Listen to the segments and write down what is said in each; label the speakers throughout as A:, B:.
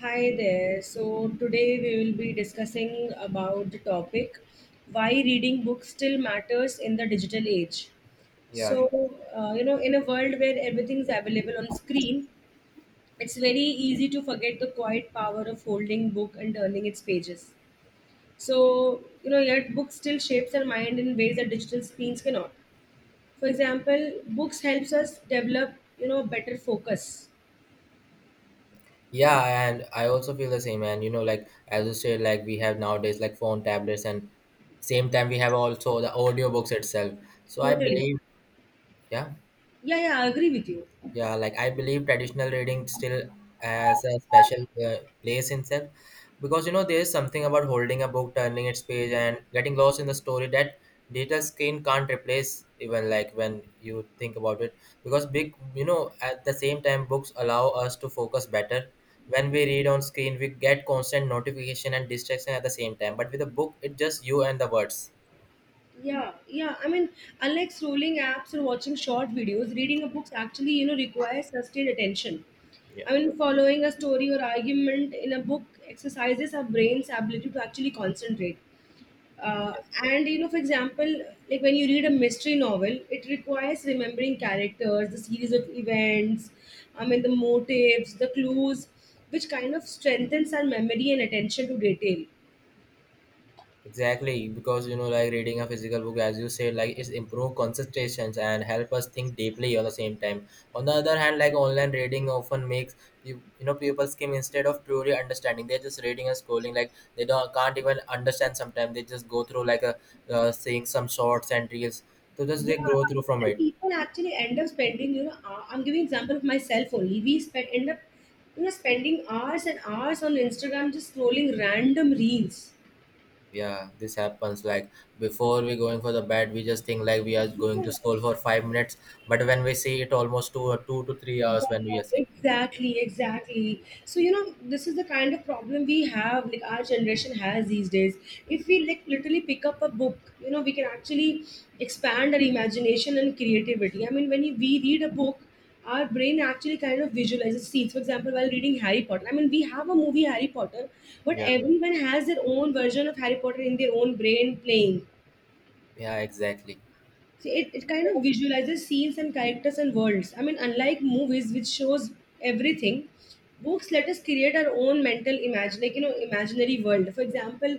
A: Hi there. So today we will be discussing about the topic why reading books still matters in the digital age.
B: Yeah,
A: So,
B: sure.
A: in a world where everything is available on screen, it's very easy to forget the quiet power of holding book and turning its pages. Yet books still shapes our mind in ways that digital screens cannot. For example, books helps us develop, better focus.
B: Yeah, and I also feel the same. And you know, like as you said, like we have nowadays like phone, tablets, and same time we have also the audiobooks itself. So I
A: Totally.
B: believe, yeah.
A: Yeah, yeah, I agree with you.
B: Yeah, like I believe traditional reading still has a special uh, place in itself, because you know there is something about holding a book, turning its page, and getting lost in the story that digital screen can't replace. Even like when you think about it, because big, you know, at the same time, books allow us to focus better. When we read on screen, we get constant notification and distraction at the same time. But with a book, it's just you and the words.
A: Yeah, yeah. I mean, unlike scrolling apps or watching short videos, reading a book actually, requires sustained attention.
B: Yeah.
A: I mean, following a story or argument in a book exercises our brain's ability to actually concentrate. Uh, for example, like when you read a mystery novel, it requires remembering characters, the series of events, I mean, the motives, the clues, which kind of strengthens our memory and attention to detail.
B: Exactly, because you know, like reading a physical book, as you said, like it's improve concentrations and help us think deeply at the same time. On the other hand, like online reading often makes you know people skim instead of truly understanding. They're just reading and scrolling, like they don't can't even understand. Sometimes they just go through like a seeing some shorts and reels. So just they
A: Yeah,
B: grow through from
A: and
B: it.
A: people actually end up spending, I'm giving example of myself only. We spend end up, spending hours and hours on Instagram just scrolling random reels.
B: Yeah, this happens. Like before we going for the bed, we just think like we are going
A: Yeah.
B: to scroll for 5 minutes, but when we see it almost two to three hours when
A: Yeah,
B: we are seeing.
A: exactly, exactly. So, this is the kind of problem we have, like our generation has these days. If we like literally pick up a book, we can actually expand our imagination and creativity. I mean, when we read a book, our brain actually kind of visualizes scenes. For example, while reading Harry Potter, I mean, we have a movie Harry Potter, but
B: Yeah.
A: everyone has their own version of Harry Potter in their own brain playing.
B: Yeah, exactly.
A: See, it kind of visualizes scenes and characters and worlds. I mean, unlike movies, which shows everything, books let us create our own mental imagine, imaginary world. For example,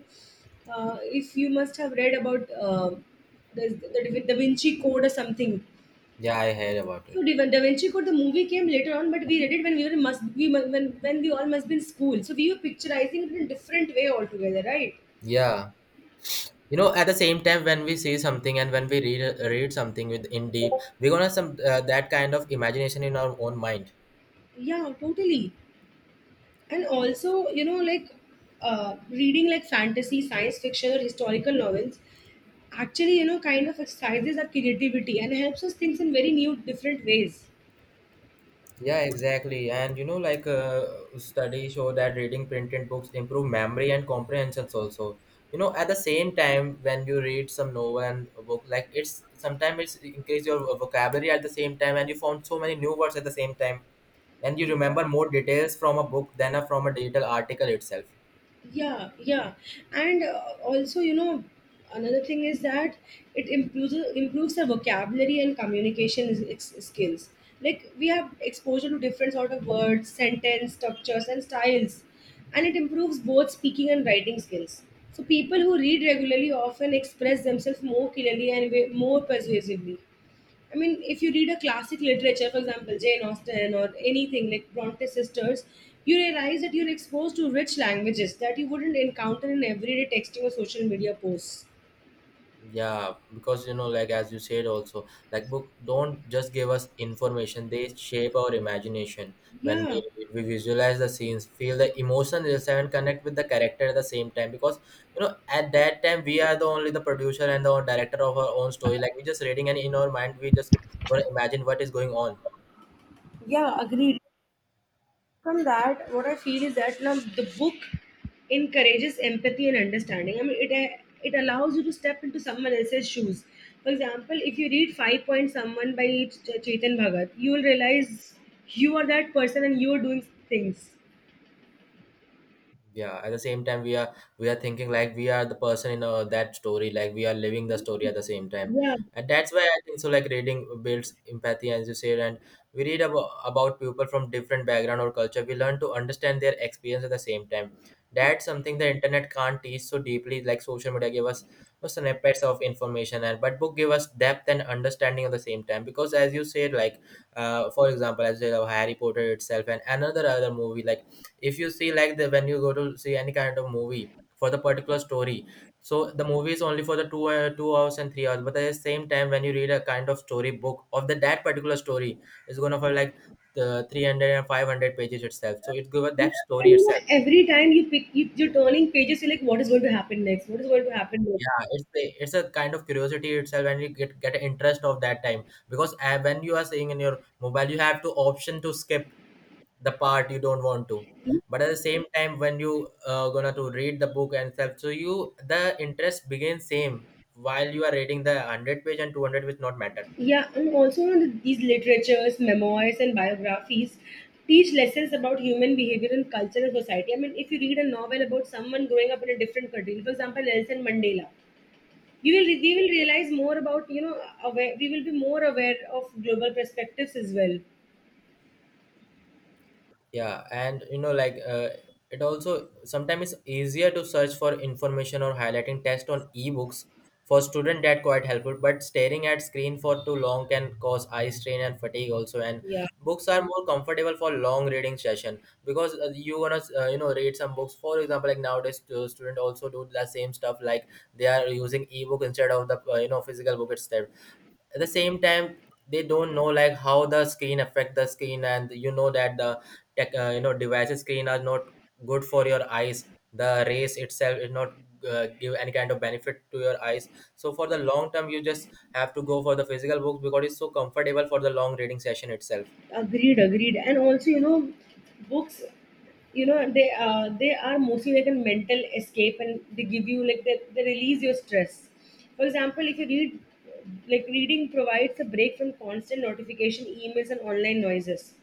A: if you must have read about the, the Da Da Vinci Code or something.
B: Yeah, I heard about it.
A: So Da Da Vinci Code, the movie came later on, but we read it when we were must we when we all must be in school. So we were picturizing it in a different way altogether, right?
B: Yeah. You know, at the same time, when we see something and when we read something with in deep, we're gonna some that kind of imagination in our own mind.
A: Yeah, totally. And also you know like reading like fantasy science fiction or historical novels actually you know kind of exercises our creativity and helps us think in very new different ways.
B: Yeah, exactly. And you know, like studies show that reading printed books improve memory and comprehensions also. You know, at the same time, when you read some novel and a book, like it's sometimes it's increase your vocabulary at the same time, and you found so many new words at the same time, and you remember more details from a book than a, from a digital article itself.
A: Yeah, yeah, and also you know another thing is that it improves the vocabulary and communication skills, like we have exposure to different sort of words, sentence structures and styles, and it improves both speaking and writing skills. So people who read regularly often express themselves more clearly and more persuasively. I mean, if you read a classic literature, for example, Jane Austen or anything like Bronte sisters, you realize that you're exposed to rich languages that you wouldn't encounter in everyday texting or social media posts.
B: Yeah, because you know, like as you said also, like book don't just give us information, they shape our imagination. When
A: Yeah,
B: we, read, we visualize the scenes, feel the emotion yourself and connect with the character at the same time, because you know at that time we are the only the producer and the director of our own story, like we just reading and in our mind we just want to imagine what is going on.
A: yeah, agreed. From that, what I feel is that now the book encourages empathy and understanding. I mean, it allows you to step into someone else's shoes. For example, if you read Five Point Someone by Chetan Bhagat, you will realize you are that person and you are doing things.
B: Yeah, at the same time we are thinking like we are the person in that story, like we are living the story at the same time,
A: Yeah.
B: and that's why I think so, like reading builds empathy as you said. And we read about people from different background or culture, we learn to understand their experience at the same time. That's something the internet can't teach so deeply. Like social media give us snippets of information and but book give us depth and understanding at the same time, because as you said, like for example as you said, Harry Potter itself and another other movie. Like if you see like the when you go to see any kind of movie for the particular story, so the movie is only for the two 2 hours and 3 hours, but at the same time when you read a kind of story book of the that particular story, it's gonna for like the three hundred and five hundred pages itself, so it gives that story
A: And
B: itself.
A: every time you pick, you're turning pages, you're like, what is going to happen next? What is going to happen next?
B: Yeah, it's a kind of curiosity itself and you get an interest of that time, because when you are seeing in your mobile you have to option to skip the part you don't want to. But at the same time when you gonna to read the book and stuff, so you the interest begins same while you are reading the 100 page and 200, which not matter.
A: Yeah, and also these literatures, memoirs, and biographies teach lessons about human behavior and culture and society. I mean, if you read a novel about someone growing up in a different country, for example, Nelson Mandela, you will we will realize more about we will be more aware of global perspectives as well.
B: Yeah, and you know, like it also sometimes it's easier to search for information or highlighting text on ebooks, for student that quite helpful. But staring at screen for too long can cause eye strain and fatigue also. And
A: Yeah.
B: books are more comfortable for long reading session, because you wanna you know read some books. For example, like nowadays student also do the same stuff, like they are using ebook instead of the you know physical book itself. At the same time they don't know like how the screen affect the screen, and you know that the tech you know devices screen are not good for your eyes, the rays itself is not give any kind of benefit to your eyes. So for the long term you just have to go for the physical books, because it's so comfortable for the long reading session itself.
A: Agreed, agreed. And also, books, they are mostly like a mental escape, and they give you like they release your stress. For example, if you read, like reading provides a break from constant notification, emails, and online noises.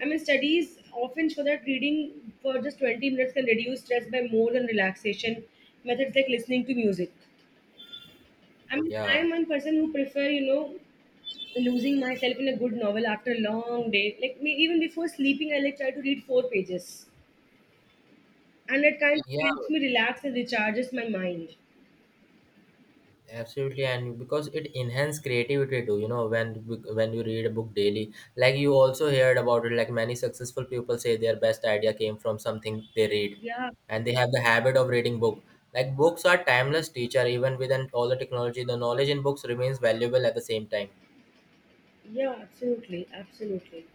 A: I mean, studies often show that reading for just 20 minutes can reduce stress by more than relaxation methods like listening to music. I mean,
B: Yeah,
A: I'm one person who prefer, losing myself in a good novel after a long day. Like me, even before sleeping, I like try to read four pages, and it kind of
B: yeah,
A: helps me relax and recharges my mind.
B: absolutely. And because it enhances creativity too, you know, when you read a book daily, like you also heard about it, like many successful people say their best idea came from something they read,
A: Yeah,
B: and they have the habit of reading book. Like books are timeless teacher, even within all the technology the knowledge in books remains valuable at the same time.
A: yeah, absolutely, absolutely.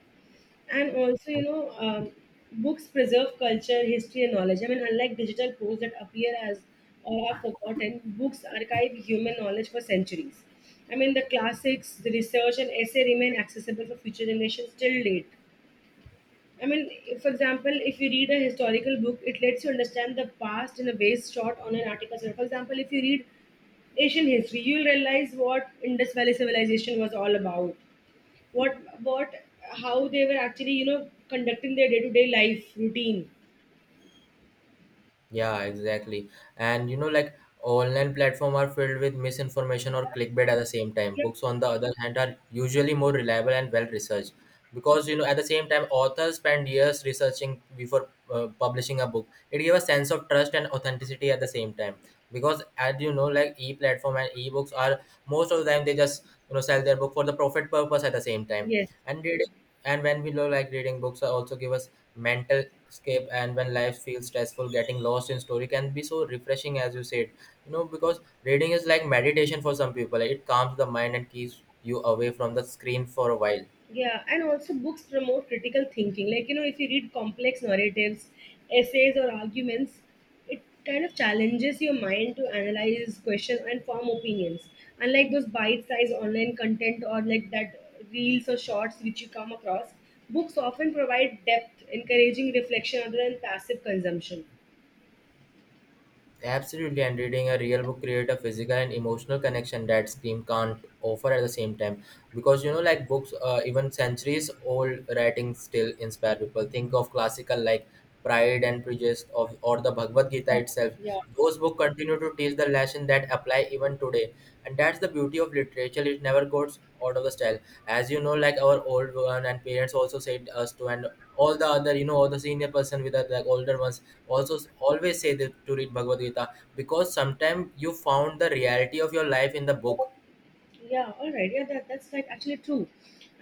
A: And also, books preserve culture, history, and knowledge. I mean, unlike digital posts that appear as or are forgotten, books archive human knowledge for centuries. I mean, the classics, the research, and essay remain accessible for future generations till date. I mean, for example, if you read a historical book, it lets you understand the past in a ways short on an article. So, for example, if you read Asian history, you'll realize what Indus Valley civilization was all about. What, what, how they were actually, conducting their day-to-day life routine.
B: Yeah, exactly. And you know, like online platform are filled with misinformation or clickbait at the same time.
A: Yeah.
B: Books, on the other hand, are usually more reliable and well researched, because you know at the same time authors spend years researching before publishing a book. It gives a sense of trust and authenticity at the same time, because as you know, like e platform and e books are most of the time they just you know sell their book for the profit purpose at the same time.
A: Yes.
B: And reading, and when we love like reading books, also give us mental escape, and when life feels stressful, getting lost in story can be so refreshing as you said. You know, because reading is like meditation for some people, it calms the mind and keeps you away from the screen for a while.
A: Yeah, and also books promote critical thinking. Like, if you read complex narratives, essays, or arguments, it kind of challenges your mind to analyze, question, and form opinions. Unlike those bite sized online content or like that reels or shorts which you come across, books often provide depth, encouraging reflection other than passive consumption.
B: Absolutely, and reading a real book create a physical and emotional connection that screen can't offer at the same time. Because you know, like books, even centuries old writings still inspire people. Think of classical like Pride and Prejudice of or the Bhagavad
A: Yeah,
B: Gita itself.
A: yeah.
B: Those books continue to teach the lesson that apply even today, and that's the beauty of literature. It never goes out of the style. As you know, like our old one and parents also said us to, and all the other you know all the senior person with the like older ones also always say that to read Bhagavad Gita, because sometimes you found the reality of your life in the book.
A: Yeah, all right. Yeah, that's like actually true.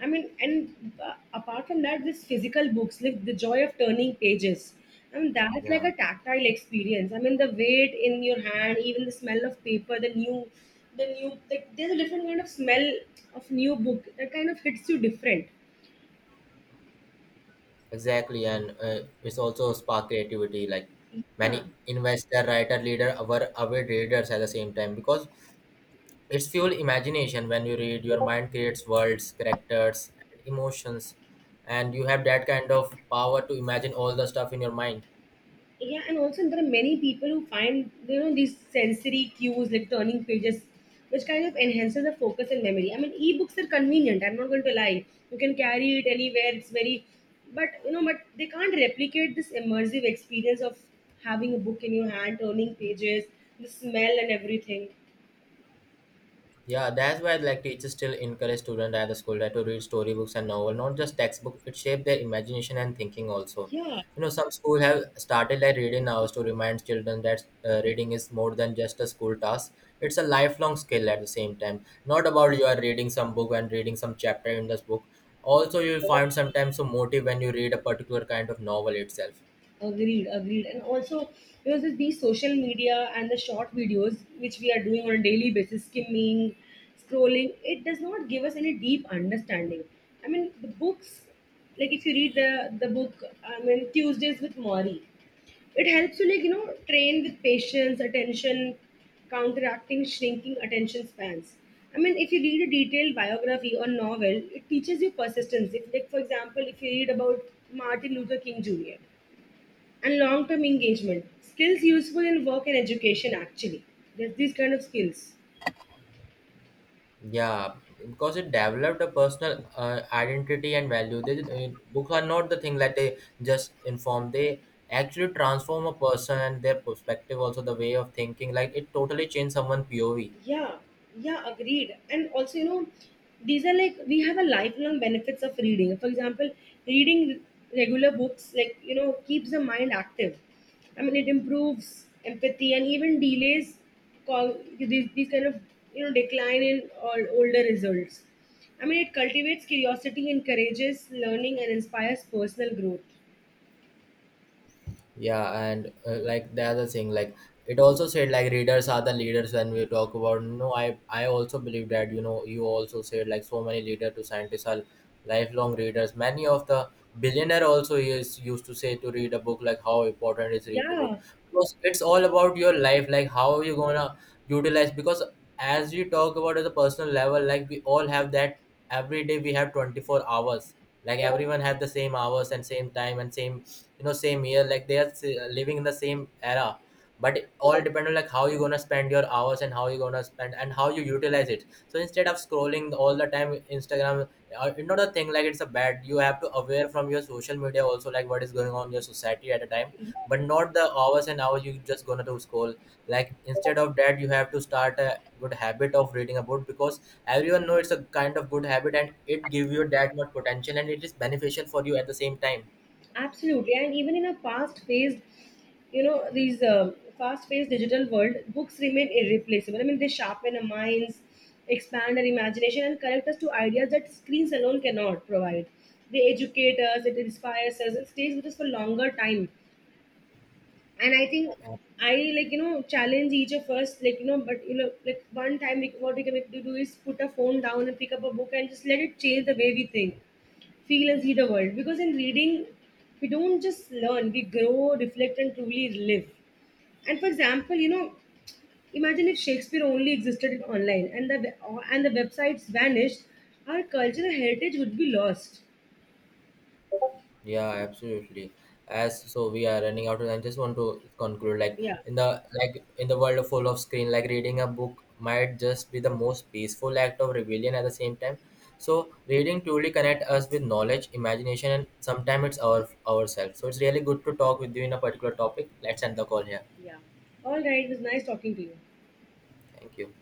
A: I mean, and apart from that, this physical books, like the joy of turning pages, I mean, that's like
B: Yeah.
A: a tactile experience. I mean, the weight in your hand, even the smell of paper, the new, like there's a different kind of smell of new book that kind of hits you different.
B: Exactly, and it's also spark creativity, like
A: Yeah,
B: many investor writer leader our avid readers at the same time, because it's fuel imagination. When you read, your mind creates worlds, characters and emotions, and you have that kind of power to imagine all the stuff in your mind.
A: yeah, and also there are many people who find you know these sensory cues like turning pages, which kind of enhances the focus and memory. I mean ebooks are convenient, I'm not going to lie, you can carry it anywhere, it's very, but you know but they can't replicate this immersive experience of having a book in your hand, turning pages, the smell and everything.
B: Yeah, that's why like teachers still encourage students at the school that to read storybooks and novel, not just textbook. It shapes their imagination and thinking also.
A: Yeah.
B: You know, some school have started like reading hours to remind children that reading is more than just a school task. It's a lifelong skill at the same time. Not about you are reading some book and reading some chapter in this book. Also, you'll find sometimes some motive when you read a particular kind of novel itself.
A: Agreed, agreed. And also, this, these social media and the short videos which we are doing on a daily basis, skimming, scrolling, it does not give us any deep understanding. I mean, the books, like if you read the book, I mean, Tuesdays with Maury, it helps you, like, train with patience, attention, counteracting shrinking attention spans. I mean, if you read a detailed biography or novel, it teaches you persistence. If, like, for example, if you read about Martin Luther King Jr., and long term engagement skills useful in work and education actually, there's these kind of skills.
B: Yeah, because it developed a personal identity and value. They, I mean, books are not the thing that they just inform. They actually transform a person and their perspective, also the way of thinking. Like it totally changed someone POV.
A: Yeah, yeah, agreed. And also you know these are like we have a lifelong benefits of reading. For example, reading regular books like you know keeps the mind active. I mean it improves empathy and even delays call these kind of you know decline in all older results. I mean it cultivates curiosity, encourages learning and inspires personal growth.
B: Yeah, and like the other thing, like it also said like readers are the leaders when we talk about no, I also believe that, you know you also said like so many leader to scientists are lifelong readers, many of the billionaire also is used to say to read a book, like how important is read to book,
A: Yeah,
B: because it's all about your life, like how you gonna utilize. Because as you talk about at the personal level, like we all have that every day we have 24 hours, like everyone have the same hours and same time and same you know same year, like they are living in the same era. But it all depend on like how you gonna spend your hours and how you gonna spend and how you utilize it. So instead of scrolling all the time instagram, it's not a thing like it's a bad, you have to aware from your social media also, like what is going on in your society at a time. But not the hours and hours you just gonna to scroll. Like instead of that you have to start a good habit of reading a book, because everyone know it's a kind of good habit and it give you that much potential and it is beneficial for you at the same time.
A: absolutely, and even in a fast-paced, you know, these fast-paced digital world, books remain irreplaceable. I mean, they sharpen our minds, expand our imagination, and connect us to ideas that screens alone cannot provide. They educate us, it inspires us, it stays with us for longer time. And I think I like you know challenge each of us, like one time we, what we can do is put a phone down and pick up a book and just let it change the way we think, feel and see the world. Because in reading, we don't just learn, we grow, reflect, and truly live. And for example, imagine if Shakespeare only existed online and the websites vanished, our cultural heritage would be lost.
B: Yeah, absolutely. As so we are running out of time. Just want to conclude,
A: Yeah,
B: like in the world full of screen, like reading a book might just be the most peaceful act of rebellion at the same time. So reading truly connect us with knowledge, imagination, and sometimes it's ourselves. So it's really good to talk with you in a particular topic. Let's end the call here.
A: yeah. All right, it was nice talking to you.
B: Thank you.